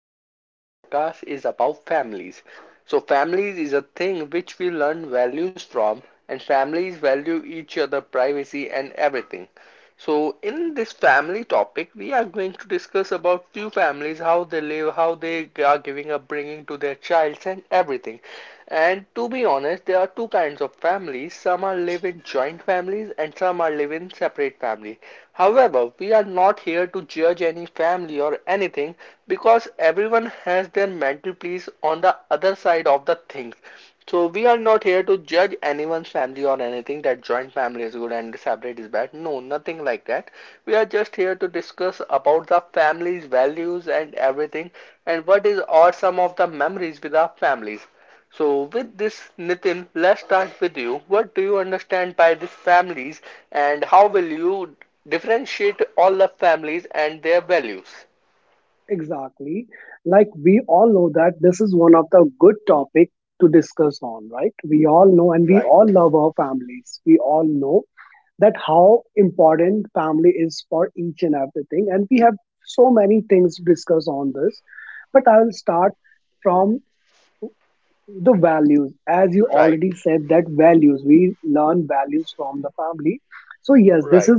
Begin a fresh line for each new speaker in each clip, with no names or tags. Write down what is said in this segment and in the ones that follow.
and this podcast is about families. So, families is a thing which we learn values from, and families value each other, privacy, and everything. So, in this family topic, we are going to discuss about few families, how they live, how they are giving upbringing to their childs, and everything. And to be honest, there are two kinds of families. Some are live in joint families, and some are live in separate families. However, we are not here to judge any family or anything because everyone has their mental place on the other side of the things. So we are not here to judge anyone's family or anything that joint family is good and separate is bad. No, nothing like that. We are just here to discuss about the family's values and everything and what is or some of the memories with our families. So, with this, Nitin, let's start with you. What do you understand by these families, and how will you differentiate all the families and their values?
Exactly. Like we all know that this is one of the good topic to discuss on, right? We all know and we
Right,
all love our families. We all know that how important family is for each and everything. And we have so many things to discuss on this. But I'll start from the values as you
right,
already said that values we learn values from the family, so yes, this
right,
is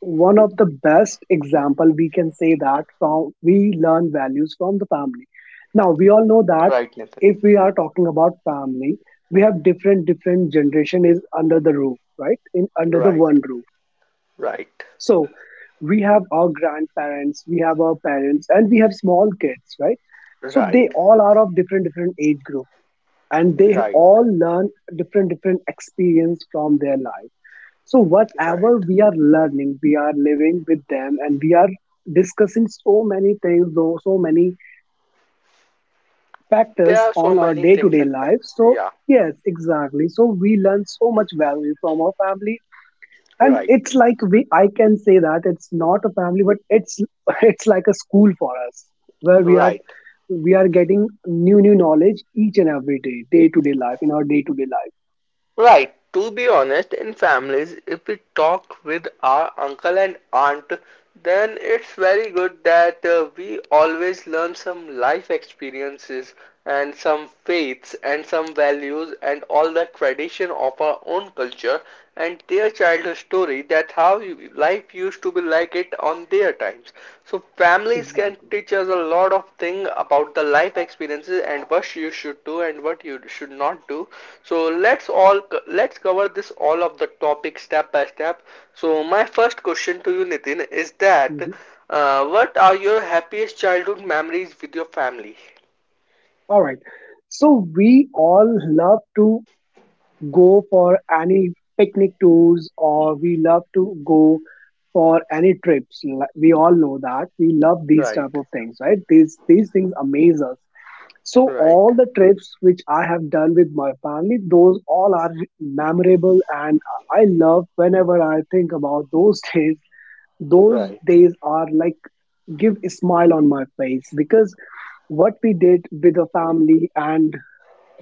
one of the best example we can say that from we learn values from the family. Now we all know that
right, Nitin.
if we are talking about family, we have different different generation is under the roof, right, in under the
Right,
one roof.
right,
So we have our grandparents, we have our parents, and we have small kids, right? So they
right,
all are of different different age group, and they
right,
all learn different different experience from their life. So whatever
right.
we are learning, we are living with them, and we are discussing so many things though so many
There
factors
are so
on our
many
day to
things,
day
in fact.
life. So
Yeah,
yes, exactly, so we learn so much value from our family, and
right,
it's like we I can say that it's not a family but it's it's like a school for us where we are,
right.
we are getting new new knowledge each and every day, day to day life in our day to day
Right, to be honest, in families, if we talk with our uncle and aunt, then it's very good that we always learn some life experiences and some faiths and some values and all the tradition of our own culture and their childhood story that how life used to be like it on their times. So
life.
families can
Exactly.
teach us a lot of thing about the life experiences and what you should do and what you should not do. So let's all let's cover this all of the topic step by step. So my first question to you, Nitin, is that
Mhm.
what are your happiest childhood memories with your family?
All right. So we all love to go for any picnic tours, or we love to go for any trips. We all know that. We love these
Right,
type of things, right? These things amaze us. So
right,
all the trips which I have done with my family, those all are memorable, and I love whenever I think about those days. Those
right,
days are like give a smile on my face because what we did with the family and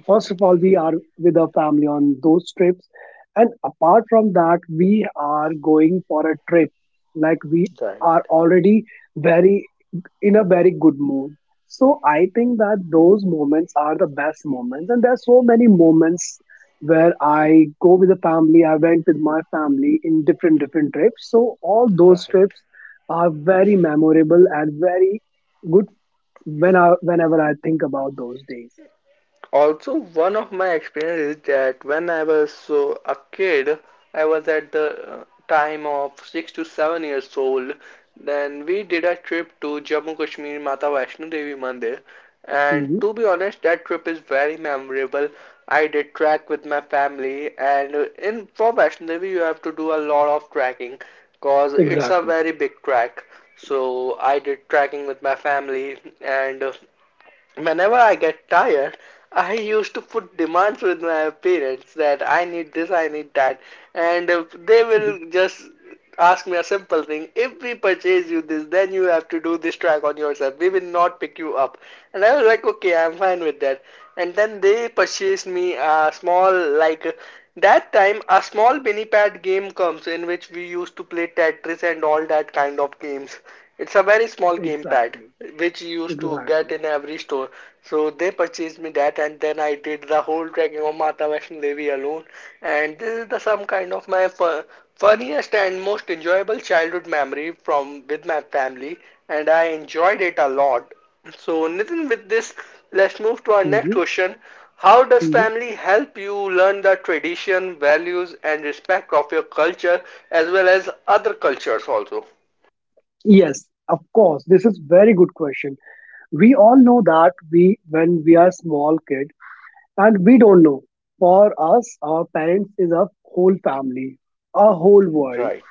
first of all, we are with our family on those trips. And apart from that, we are going for a trip. Like we
right,
are already very in a very good mood. So I think that those moments are the best moments. And there are so many moments where I go with the family. I went with my family in different different trips. So all those
right.
trips are very memorable and very good whenever I think about those days.
Also, one of my experience is that when I was so a kid, I was at the time of 6 to 7 years old. Then we did a trip to Jammu Kashmir Mata Vaishno Devi Mandir, and
Mhm.
to be honest, that trip is very memorable. I did trek with my family, and in for Vaishno Devi you have to do a lot of trekking, cause it's a
Exactly.
very big trek. So I did trekking with my family, and whenever I get tired, I used to put demands with my parents that I need this, I need that, and they
Mhm.
will just ask me a simple thing. If we purchase you this, then you have to do this track on yourself. We will not pick you up. And I was like, okay, I'm fine with that. And then they purchased me a small, like, that time a small mini pad game comes in which we used to play Tetris and all that kind of games. It's a very small game pad
Exactly.
which you used to get
Exactly.
in every store. So they purchased me that, and then I did the whole trekking of Mata Vaishno Devi alone. And this is the some kind of my funniest and most enjoyable childhood memory from with my family, and I enjoyed it a lot. So Nitin, with this, let's move to our next
hmm
question. How does
hmm
family help you learn the tradition, values, and respect of your culture as well as other cultures also?
Yes, of course. This is very good question. We all know that we, when we are small kid, and we don't know. For us, our parents is a whole family, a whole world,
Right.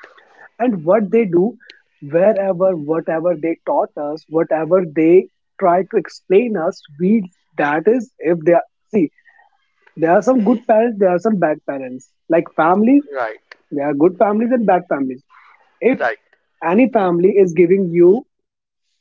and what they do, wherever, whatever they taught us, whatever they try to explain us, we that is if they are, see, there are some
Hmm,
good parents, there are some bad parents. Like families,
right,
there are good families and bad families. If
right.
any family is giving you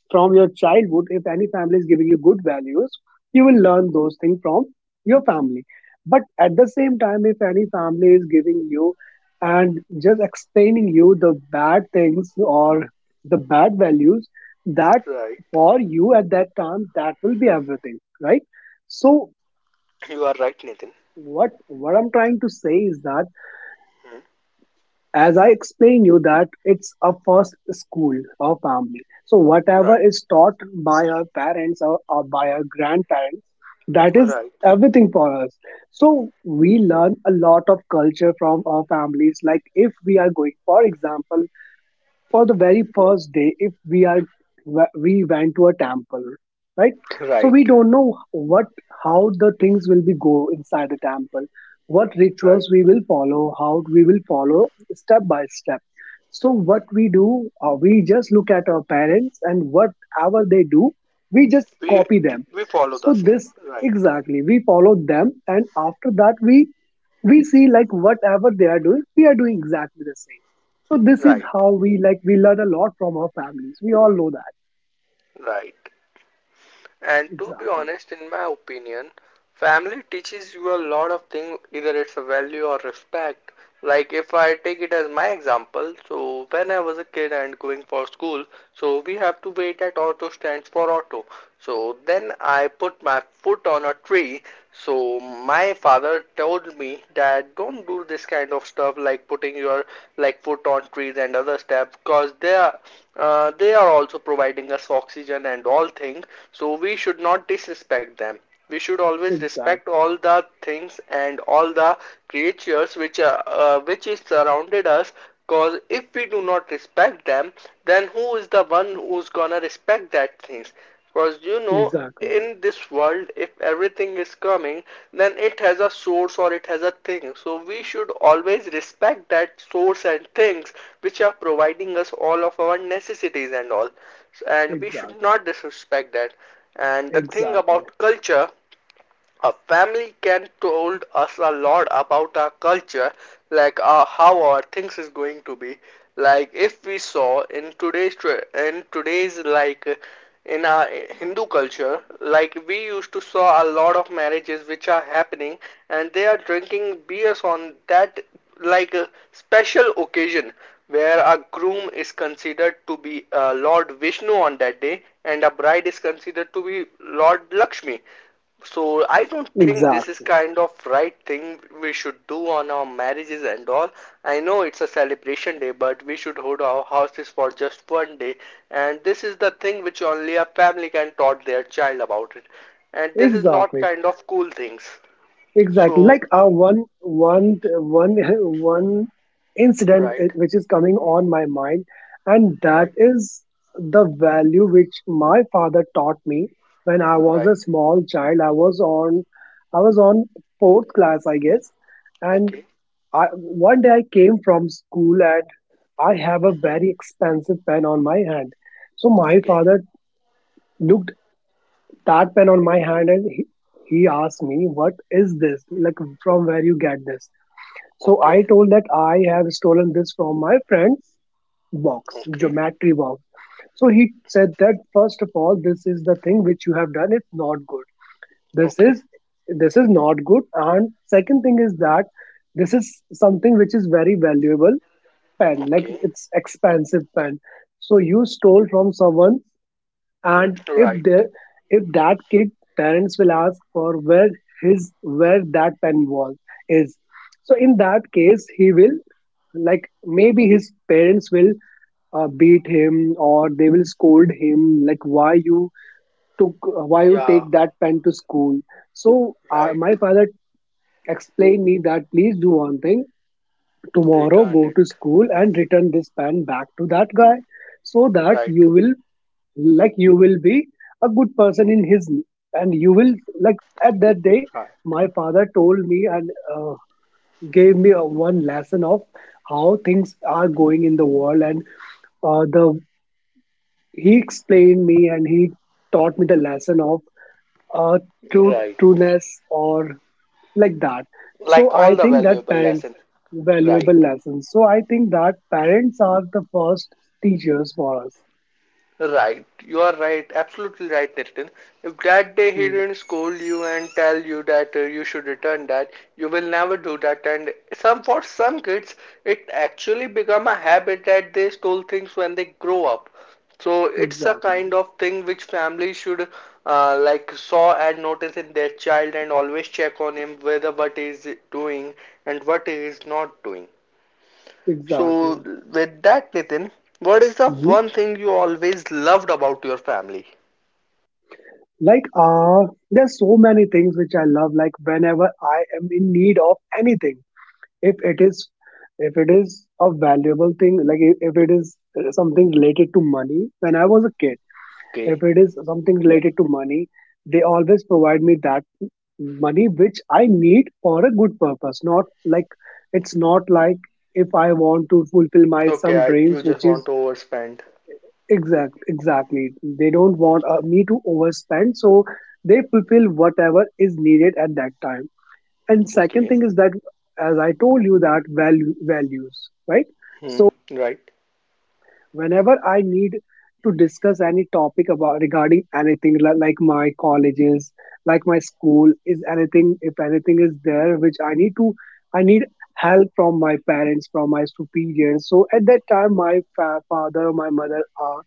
from your childhood, if any family is giving you good values, you will learn those things from your family. But at the same time, if any family is giving you and just explaining you the bad things or the bad values, that
Right.
for you at that time, that will be everything, right? So
You are right, Nitin.
what I'm trying to say is that
Hmm.
as I explained you that it's a first school or family, so whatever
Right.
is taught by our parents or by our grandparents, that is
Right.
everything for us. So we learn a lot of culture from our families. Like if we are going, for example, for the very first day, if we are, we went to a temple, right? So we
Right.
don't know what, how the things will be go inside the temple, what
Right.
rituals we will follow, how we will follow step by step. So what we do, we just look at our parents, and whatever they do, we just
We
copy them.
we follow the
So
same.
this,
Right.
exactly, we follow them, and after that we see like whatever they are doing, we are doing exactly the same. So this is
Right.
how we, like, we learn a lot from our families. We all know that.
Right. And to be
Exactly.
honest, in my opinion, family teaches you a lot of things. Either it's a value or respect. Like if I take it as my example, so when I was a kid and going for school, so we have to wait at auto stands for auto. So then I put my foot on a tree, so my father told me that don't do this kind of stuff like putting your like foot on trees and other stuff because they are also providing us oxygen and all things, so we should not disrespect them. We should always
Exactly.
respect all the things and all the creatures which are, which is surrounded us, because if we do not respect them, then who is the one who's gonna respect that things? Because you know,
Exactly.
in this world, if everything is coming, then it has a source or it has a thing, so we should always respect that source and things which are providing us all of our necessities and all, and we should
Exactly.
not disrespect that. And the thing
Exactly.
about culture, a family can told us a lot about our culture, like how our things is going to be. Like if we saw in today's like in our Hindu culture, like we used to saw a lot of marriages which are happening, and they are drinking beers on that like a special occasion where a groom is considered to be Lord Vishnu on that day and a bride is considered to be Lord Lakshmi. So I don't think this is
Exactly.
kind of right thing we should do on our marriages and all. I know it's a celebration day, but we should hold our houses for just one day. And this is the thing which only a family can taught their child about it. And this is not
Exactly.
kind of cool things.
Exactly.
So
Like our one one incident
right,
which is coming on my mind, and that
right,
is the value which my father taught me when I was
right.
a small child. I was on fourth class, I guess, and
Okay.
I one day I came from school and I have a
Hmm.
very expensive pen on my hand. So my
Okay.
father looked that pen on my hand and he asked me, "What is this? Like from where you get this?" So
Okay.
I told that I have stolen this from my friend's box,
Okay.
geometry box. So he said that first of all, this is the thing which you have done. It's not good. This
Okay.
is this is not good. And second thing is that this is something which is very valuable pen, like
Okay.
it's expensive pen. So you stole from someone, and
Right.
if that kid parents will ask for where his where that pen was is. So in that case, he will, like, maybe his parents will beat him, or they will scold him like why you took why you
Yeah.
take that pen to school. So my
Right.
father explained me that please do one thing, tomorrow
Return
go
it.
to school and return this pen back to that guy so that
Right.
you will, like, you will be a good person in his, and you will, like, at that day
Right.
my father told me and uh, gave me one lesson of how things are going in the world, and the he explained me and he taught me the lesson of uh, truth
Right.
trueness or like that. So
Like
I
all the
think that
valuable
parents
lesson.
valuable
Right,
lessons, so I think that parents are the first teachers for us.
right. You are right, absolutely right, Nitin. If that day he
Mm,
didn't scold you and tell you that you should return that, you will never do that, and some for some kids it actually become a habit that they stole things when they grow up. So it's a
exactly,
kind of thing which families should like saw and notice in their child and always check on him whether what he is doing and what he is not doing. So,
exactly.
with that, Nitin, what is the
Mhm.
one thing you always loved about your family?
Like there's so many things which I love. Like whenever I am in need of anything, if it is, if it is a valuable thing, like if it is something related to money, when I was a kid, if
Okay.
it is something related to money, they always provide me that money which I need for a good purpose. Not like, it's not like, if I want to fulfill my
Okay,
some
I, you
dreams,
just
which is
want to overspend.
exact, exactly. They don't
O-
want me to overspend, so they fulfill whatever is needed at that time. And second
Okay.
thing is that, as I told you, that value values, right?
Hmm.
So
Right.
whenever I need to discuss any topic about regarding anything like my colleges, like my school is anything, if anything is there which I need to, I need help from my parents, from my superiors, so at that time my father or my mother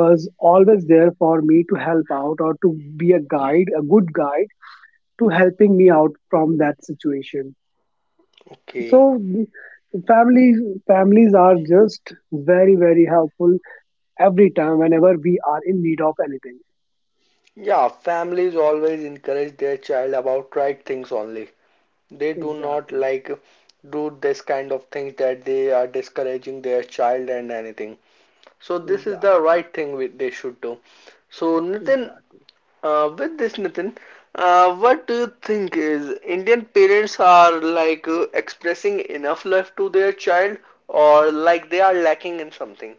was always there for me to help out, or to be a guide, a good guide to helping me out from that situation.
Okay.
So families families are just very very helpful every time whenever we are in need of anything.
Yeah, families always encourage their child about right things only. They do not
Exactly,
like do this kind of things that they are discouraging their child and anything. So this is the
exactly,
right thing they should do. So Nitin,
exactly.
With this, Nitin, what do you think is Indian parents are like expressing enough love to their child, or like they are lacking in something?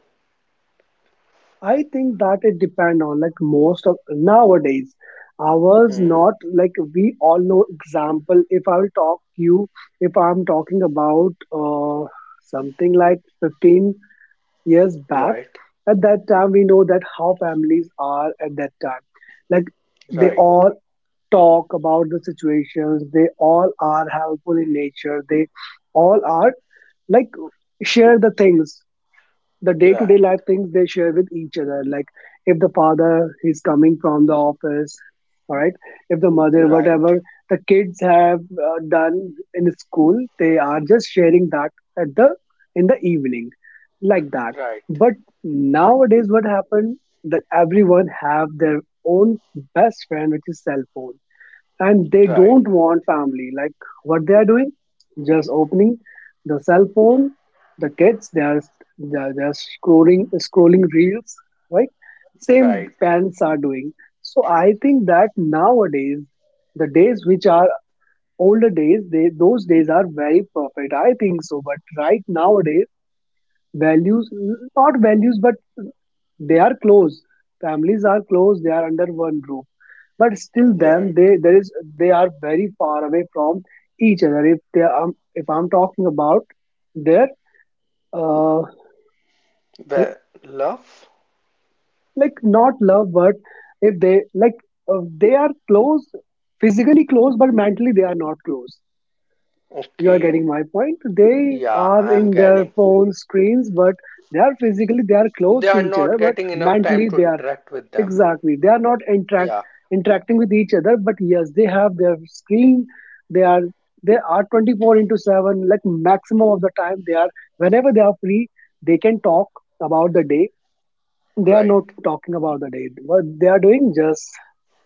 I think that it depend on like most of nowadays, ours
Hmm.
not, like we all know example, if I will talk you, if I'm talking about something like 15 years back,
Right.
at that time we know that how families are at that time. Like they
Right.
all talk about the situations, they all are helpful in nature, they all are, like, share the things, the day to day
Right.
life things they share with each other. Like if the father is coming from the office, all right, if the mother, whatever
Right.
the kids have done in school, they are just sharing that at the, in the evening, like that.
Right.
But nowadays what happened, that everyone have their own best friend which is cell phone, and they
Right.
don't want family. Like what they are doing, just opening the cell phone, the kids, they are, they are scrolling reels, right? Same
Right.
parents are doing. So I think that nowadays the days which are older days, they, those days are very perfect, I think so. But right, nowadays values, not values, but they are close, families are close, they are under one roof, but still them, they,
Right.
there is, they are very far away from each other. If they are if I'm talking about their uh,
The love?
like not love, but if they like, they are close physically close, but mentally they are not close. You are
Okay.
getting my point, they
Yeah,
are
I'm
in their
getting.
phone screens, but they are physically, they are close
They
to
are
each other,
not
but
getting enough time
mentally
to
they are,
interact with them.
exactly, they are not
Yeah.
interacting with each other. But yes, they have their screen, they are, they are 24 into 7, like maximum of the time they are, whenever they are free, they can talk about the day, they are
Right.
not talking about the day what they are doing, just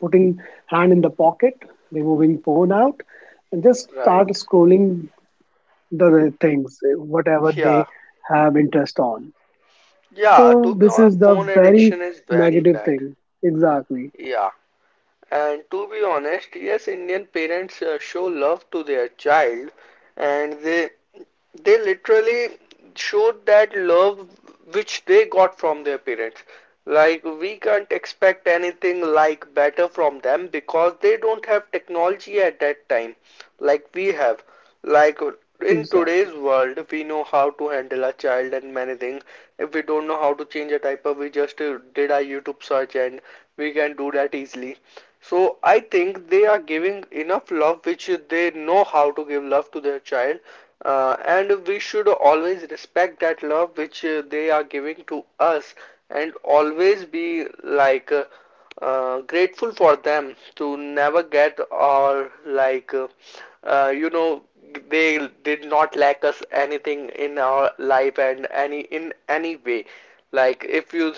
putting hand in the pocket, removing phone out and just
Right.
start scrolling the things whatever
Yeah.
they have interest on.
Yeah,
So
to be
this
honest,
is the
phone
very
addiction is very
negative
bad.
thing. Exactly.
Yeah, and to be honest, yes, Indian parents show love to their child, and they literally showed that love which they got from their parents. Like we can't expect anything like better from them because they don't have technology at that time, like we have. Like in
Exactly.
today's world, we know how to handle a child and many things. If we don't know how to change a diaper, we just did a YouTube search and we can do that easily. So I think they are giving enough love which they know how to give love to their child. And we should always respect that love which they are giving to us, and always be like grateful for them, to never get or like uh, you know they did not lack us anything in our life and any in any way. Like if you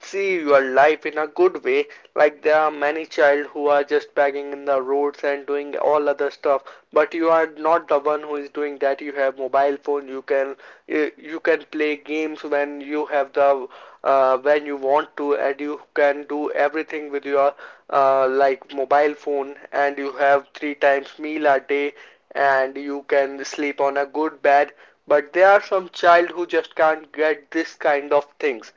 see your life in a good way, like there are many child who are just begging in the roads and doing all other stuff, but you are not the one who is doing that. You have mobile phone, you can play games when you have the when you want to, and you can do everything with your like mobile phone, and you have three times meal a day and you can sleep on a good bed, but there are some child who just can't get this kind of things.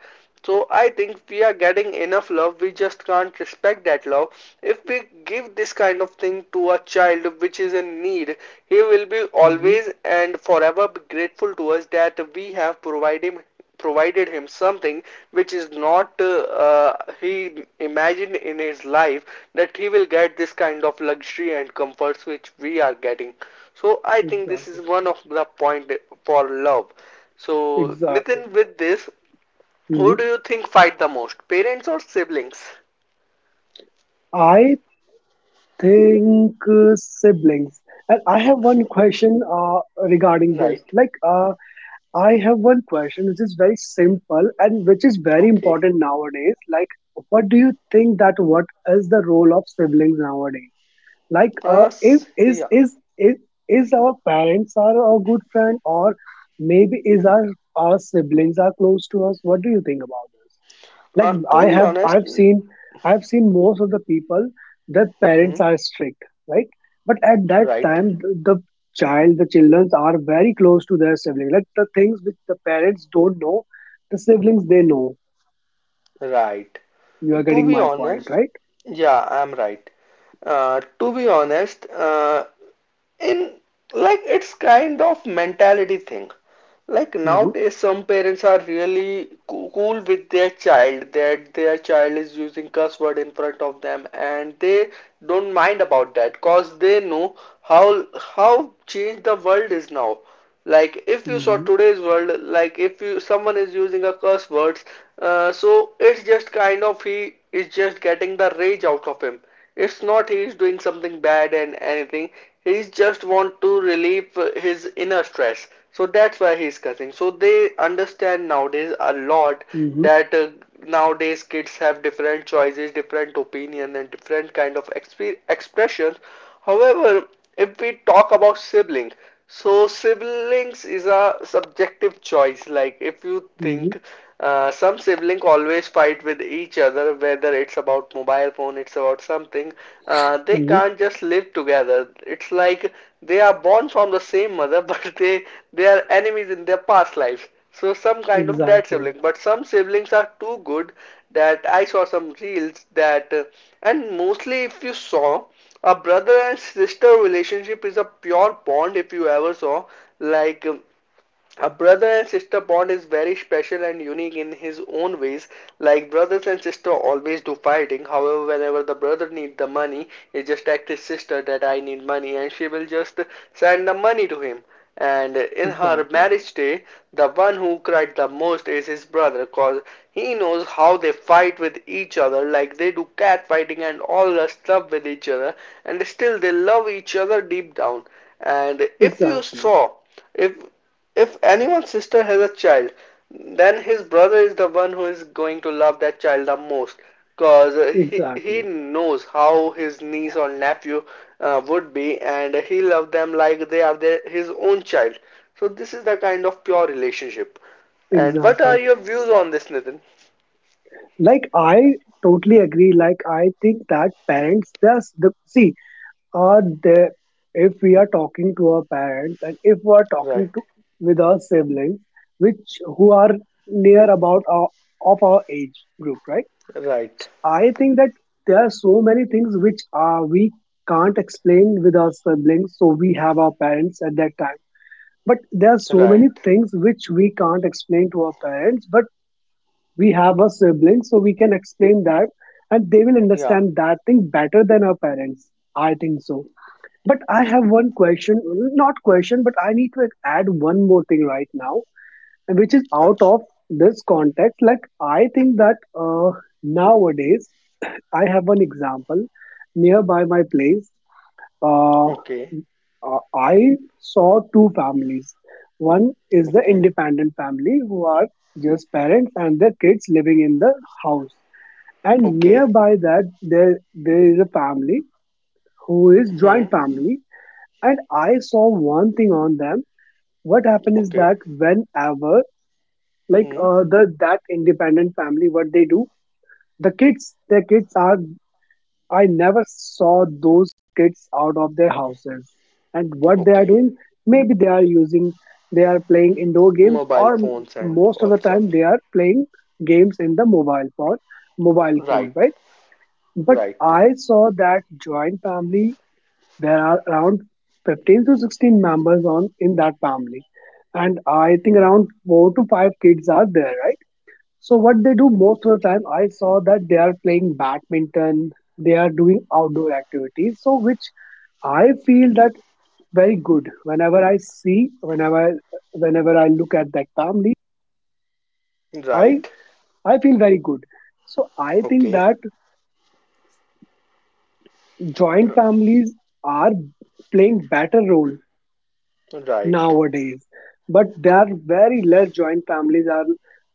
So I think we are getting enough love. We just can't respect that love. If we give this kind of thing to a child which is in need, he will be
Hmm.
always and forever be grateful to us that we have provided him something which is not he imagined in his life, that he will get this kind of luxury and comforts which we are getting. So I think this is
Exactly.
one of the point for love. So
Exactly.
Nitin, with this, who do
Hmm.
you think fight the most, parents or siblings?
I think siblings. And I have one question regarding this.
Right.
Like, I have one question which is very simple and which is very
Okay.
important nowadays. Like, what do you think that what is the role of siblings nowadays? Like,
Uh,
if is
yeah.
is is is our parents are our good friend, or maybe is our siblings are close to us? What do you think about this? Like, I
To be
have
honest,
I've seen, I've seen most of the people, their parents
Hmm.
are strict, right? But at that
Right.
time, the child, the children are very close to their sibling. Like the things which the parents don't know, the siblings they know.
Right.
You are
To
getting
be
my point,
honest,
right?
yeah, I'm right. To be honest, in like it's kind of mentality thing, like
Mm-hmm.
nowadays some parents are really cool with their child, that their child is using cuss word in front of them, and they don't mind about that cause they know how changed the world is now. Like if you saw
Mm-hmm.
today's world, like if you someone is using a curse words, So it's just kind of he is just getting the rage out of him. It's not he's doing something bad and anything. He's just want to relieve his inner stress. So that's why he's cussing. So they understand nowadays a lot
Mm-hmm.
that nowadays kids have different choices, different opinion, and different kind of expressions. However, if we talk about sibling, so siblings is a subjective choice. Like if you
Mm-hmm.
think, some sibling always fight with each other, whether it's about mobile phone, it's about something, they
Mm-hmm.
can't just live together. It's like they are born from the same mother, but they are enemies in their past lives. So some kind of dead
Exactly.
sibling, but some siblings are too good that I saw some reels that, and mostly if you saw a brother and sister relationship is a pure bond if you ever saw. Like, um, a brother and sister bond is very special and unique in his own ways. Like brothers and sister always do fighting. However, whenever the brother need the money, he just act his sister that I need money and she will just send the money to him. And in her
Exactly.
marriage day, the one who cried the most is his brother cause he knows how they fight with each other, like they do cat fighting and all the stuff with each other, and still they love each other deep down. And if you
Exactly.
saw, if if anyone's sister has a child, then his brother is the one who is going to love that child the most, cause he he
Exactly.
knows how his niece or nephew would be, and he loves them like they are their, his own child. So this is the kind of pure relationship. And what
Exactly.
are your views on this, Nitin?
Like, I totally agree. Like, I think that parents does the see, are there, if we are talking to our parents and if we are talking
Right,
to with our siblings, which who are near about our, of our age group, right?
right,
So I think that there are so many things which are we can't explain with our siblings, so we have our parents at that time. But there are so
right.
many things which we can't explain to our parents, but we have our siblings, so we can explain that, and they will
Yeah.
understand that thing better than our parents, I think so. But I have one question, not question, but I need to add one more thing right now, which is out
Ach-
of this context. Like, I think that nowadays, I have one example nearby my place. Uh,
Okay.
I saw two families. One is the
Okay.
independent family, who are just parents and their kids living in the house. And
Okay.
nearby that, there is a family who is
Hmm.
joint family. And I saw one thing on them. What happened is
Okay.
that whenever, like
Hmm.
uh, the that independent family, what they do, the kids, their kids are. I never saw those kids out of their houses. And what they are
Okay.
doing, maybe they are using, they are playing indoor games,
Mobile
or m-
phones and
most
all
of the
stuff.
time they are playing games in the mobile
Right,
phone, right? But
right,
I saw that joint family, there are around 15 to 16 members on in that family, and I think
hmm,
around four to five kids are there, right? So what they do most of the time, I saw that they are playing badminton, they are doing outdoor activities. So which I feel that very good. Whenever I see, whenever, whenever I look at that family, I
right,
I feel very good. So I think
okay,
that joint
uh,
families are playing better role
right,
nowadays, but there are very less joint families are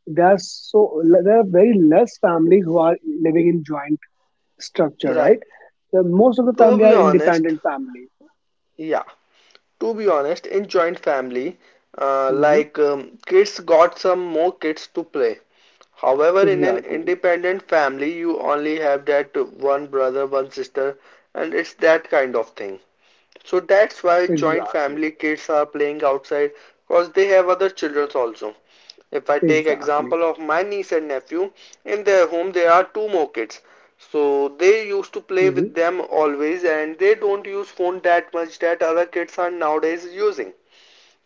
there, are so there are very less families who are living in joint structure,
right.
right? The most of the
To
family
be
are
honest,
independent family.
yeah, to be honest, in joint family,
Hmm.
kids got some more kids to play. However, in an
Exactly.
independent family, you only have that one brother, one sister, and it's that kind of thing. So that's why joint
Exactly.
family kids are playing outside because they have other children also. If I take
Exactly.
example of my niece and nephew, in their home there are two more kids. So they used to play
Hmm.
with them always, and they don't use phone that much that other kids are nowadays using.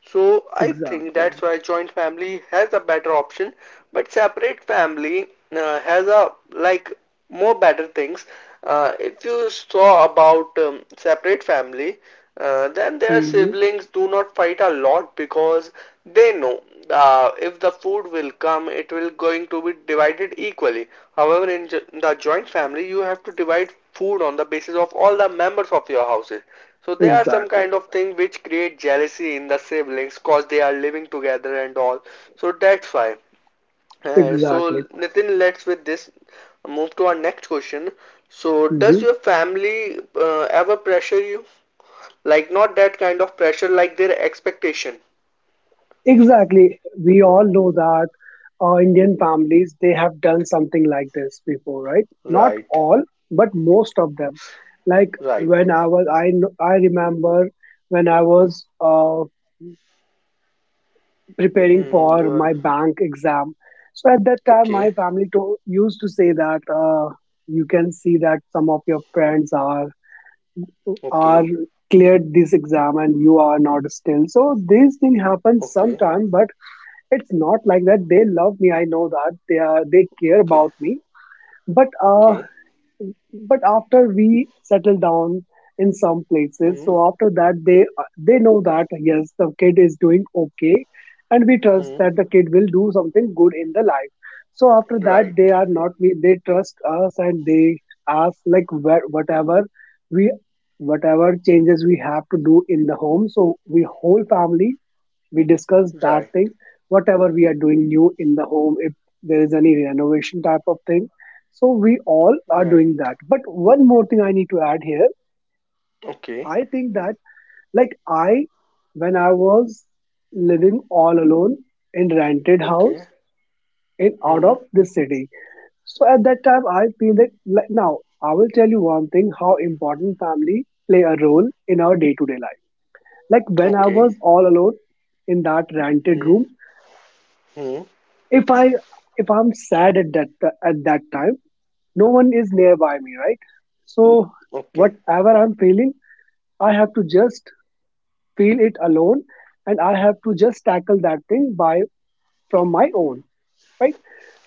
So I think that's
Exactly.
why joint family has a better option, but separate family has a like more better things. If you saw about separate family, then their
Hmm.
siblings do not fight a lot because they know, if the food will come, it will going to be divided equally. However, in the joint family, you have to divide food on the basis of all the members of your houses. So there are some
Exactly.
kind of thing which create jealousy in the siblings cause they are living together and all. So that's why. Uh,
Exactly.
so Nitin, let's with this move to our next question. So does
Hmm.
your family ever pressure you? Like not that kind of pressure, like their expectation.
Exactly. We all know that Indian families, they have done something like this before, right? Not
Right,
all, but most of them. Like
right.
when I was, I I remember when I was preparing
Mm, you
for my
are
bank exam. So at that time, my
okay,
family to, used to say that you can see that some of your friends are
okay,
are cleared this exam and you are not still. So these things happen
okay,
sometime, but it's not like that. They love me. I know that they are, they care
okay,
about me, but uh,
okay.
but after we settle down in some places,
Hmm,
so after that they know that yes, the kid is doing okay, and we trust
hmm.
that the kid will do something good in the life. So after that
Right,
they are not, we, they trust us, and they ask like where, whatever we, whatever changes we have to do in the home, so we whole family, we discuss that
right,
thing, whatever we are doing new in the home, if there is any renovation type of thing, so we all are
right.
doing that. But one more thing I need to add here.
Okay,
I think that, like, I, when I was living all alone in rented house,
okay.
in out
Hmm.
of this city, so at that time I feel that, like now I will tell you one thing, how important family play a role in our day to day life. Like when I
Okay.
was all alone in that rented
Hmm.
room,
Hmm.
if I, if I'm sad at that time, no one is nearby me, right? So
Okay.
whatever I'm feeling, I have to just feel it alone, and I have to just tackle that thing by, from my own, right?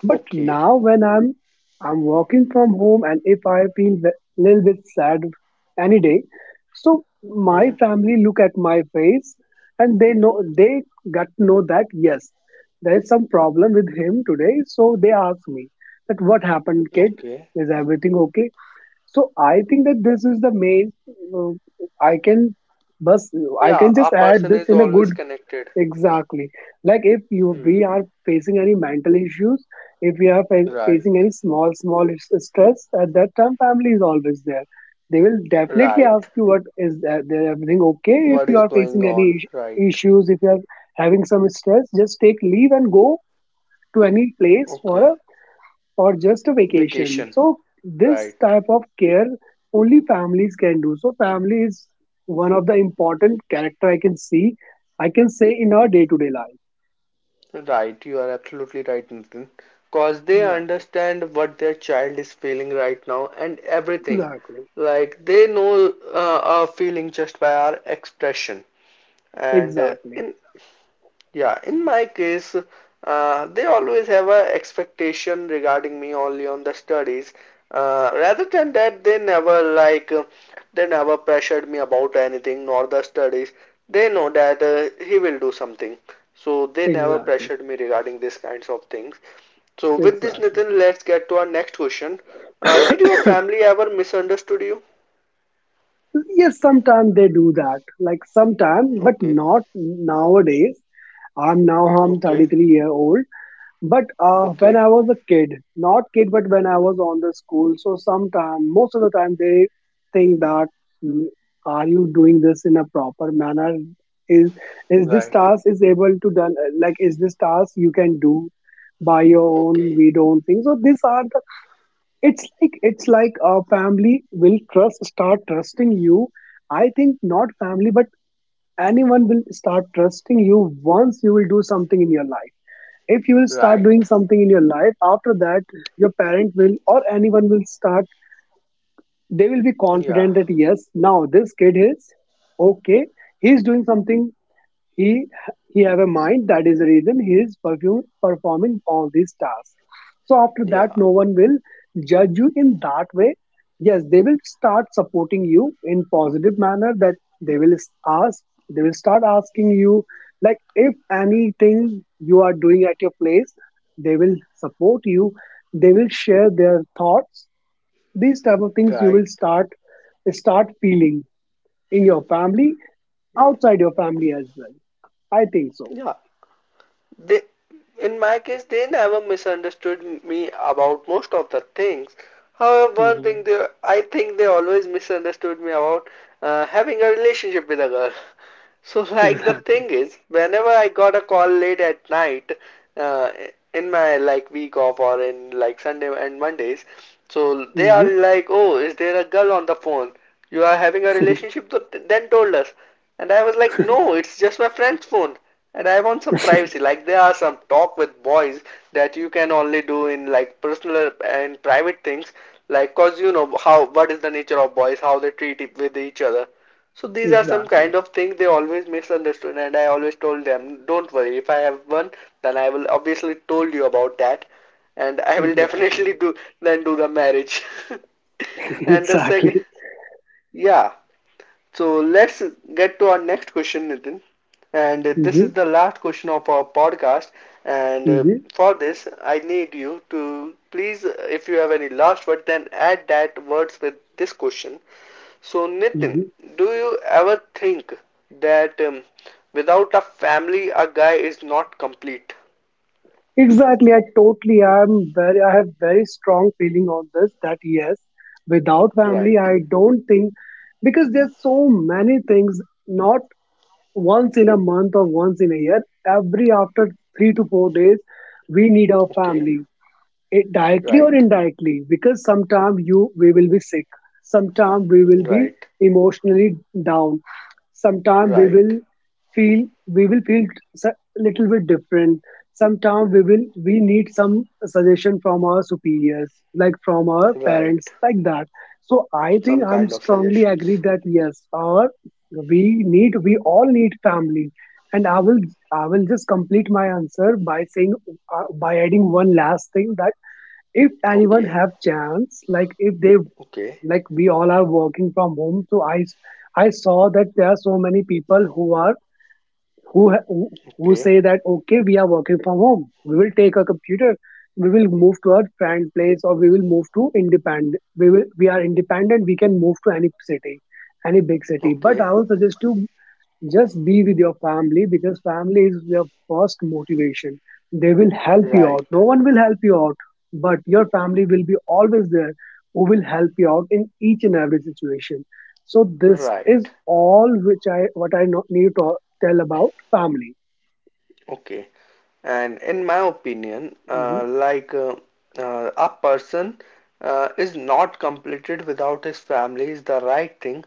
But
Okay.
now when I'm working from home, and if I feel a little bit sad any day, so my
Hmm.
family look at my face, and they know they, got to know that yes, there is some problem with him today. So they ask me that what happened, kid?
Okay.
Is everything okay? So I think that this is the main. Uh, I can, bus. I
Yeah,
can
a
just add
person
this
is
in a
always
good.
connected.
Exactly. Like if you, we
Hmm.
are facing any mental issues, if we are
Right.
facing any small small stress, at that time family is always there. They will definitely
Right.
ask you what is there, there everything okay? If
What
you
is
are
going
facing any
on? Right.
issues, if you are having some stress, just take leave and go to any place for
Okay.
a, or just a vacation.
Vacation.
So this
Right.
type of care only families can do. So family is one of the important character I can see. I can say in our day to day life.
Right. You are absolutely right, Nitin. Cause they
Exactly,
understand what their child is feeling right now and everything.
exactly,
Like they know our feeling just by our expression. And
exactly,
in Yeah, in my case, they always have a expectation regarding me only on the studies. Rather than that, they never like they never pressured me about anything nor the studies. They know that he will do something, so they never
exactly,
pressured me regarding these kinds of things. So with this,
exactly.
Nitin, let's get to our next question. Did your family ever misunderstood you?
Yes, sometimes they do that. Like sometimes, but
Okay,
not nowadays. I'm now I'm
okay,
33 year old. But when
okay,
I was a kid, not kid, but when I was on the school, so sometime, most of the time, they think that "Mm, are you doing this in a proper manner? Is is this
right,
task is able to done, like is this task you can do by your own?
okay,
We don't think so." These are, it's like, it's like a family will trust, start trusting you. I think not family, but anyone will start trusting you once you will do something in your life. If you will start doing
right.
something in your life, after that your parent will, or anyone will start, they will be
Yeah,
confident that yes, now this kid is okay, he is doing something, he he have a mind, that is the reason he is perfume, performing all these tasks. So after that
yeah.
no one will judge you in that way. Yes, they will start supporting you in positive manner, that they will ask, they will start asking you, like if anything you are doing at your place, they will support you, they will share their thoughts, these type of things you
Right.
will start, start feeling in your family,
Yeah.
outside your family as well, I think so.
Yeah. They, in my case, they never misunderstood me about most of the things. However, one
Hmm.
thing I think they always misunderstood me about having a relationship with a girl. So, like the
Exactly.
thing is, whenever I got a call late at night, uh, in my like week off or in like Sunday and Mondays, so they are
Hmm.
like, "Oh, is there a girl on the phone? You are having a relationship?" Then told us, and I was like, "No, it's just my friend's phone." And I want some privacy. Like there are some talk with boys that you can only do in like personal and private things. Like, cause you know how what is the nature of boys, how they treat it with each other. So these are some
Exactly.
kind of things they always misunderstood, and I always told them, don't worry. If I have one, then I will obviously told you about that, and I will
Exactly.
definitely do then do the marriage. And the second,
exactly.
yeah. So let's get to our next question, Nitin. And this
Hmm.
is the last question of our podcast. And
Hmm.
for this, I need you to please, if you have any last word, then add that words with this question. So, Nitin,
Hmm.
do you ever think that without a family, a guy is not complete?
Exactly. I totally am very. I have very strong feeling on this. That yes, without family,
Right.
I don't think, because there's so many things. Not once in a month or once in a year. Every after 3 to 4 days, we need our
Okay.
family. It directly or
Right.
indirectly, because sometime you, we will be sick, sometime we will be
Right.
emotionally down, sometime we
Right.
will feel, we will feel a little bit different, sometime we will, we need some suggestion from our superiors, like from our
Right.
parents like that. So I think
Some
I'm
kind of
strongly
suggestions.
agree that yes, our, we need, we all need family. And I will, I will just complete my answer by saying, by adding one last thing, that if anyone
Okay.
have chance, like if they,
Okay.
like we all are working from home, so I saw that there are so many people who are, who who say
Okay.
that okay, we are working from home, we will take a computer, we will move to our friend place, or we will move to independent, we will, we are independent, we can move to any city, any big city. But I
Okay,
will suggest you, just be with your family, because family is your first motivation. They will help you
right,
out, no one will help you out, but your family will be always there who will help you out in each and every situation. So this is
right.
all which I what I need to tell about family.
Okay, and in my opinion,
Mhm.
a person is not completed without his family is the right thing,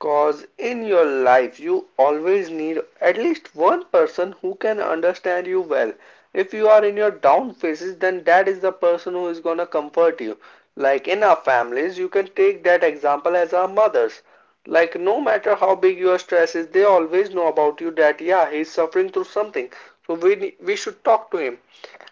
cause in your life you always need at least one person who can understand you well. If you are in your down phases, then that is the person who is gonna comfort you. Like in our families, you can take that example as our mothers. Like, no matter how big your stress is, they always know about you that, yeah, he's suffering through something. So we, we should talk to him.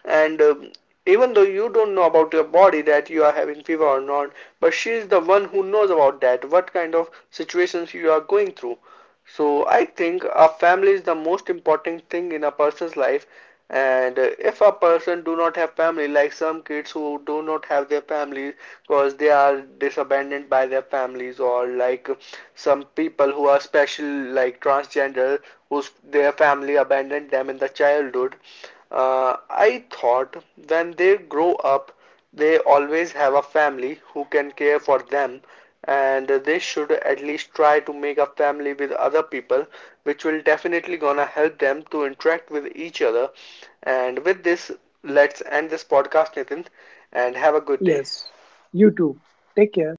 And even though you don't know about your body that you are having fever or not, but she is the one who knows about that, what kind of situations you are going through. So I think a family is the most important thing in a person's life, and if a person do not have family like some kids who do not have their families because they are disabandoned by their families, or like some people who are special like transgender whose their family abandoned them in the childhood, I thought when they grow up they always have a family who can care for them, and they should at least try to make a family with other people which will definitely gonna help them to interact with each other. And with this, let's end this podcast, Nitin, and have a good day.
Yes. You too. Take care.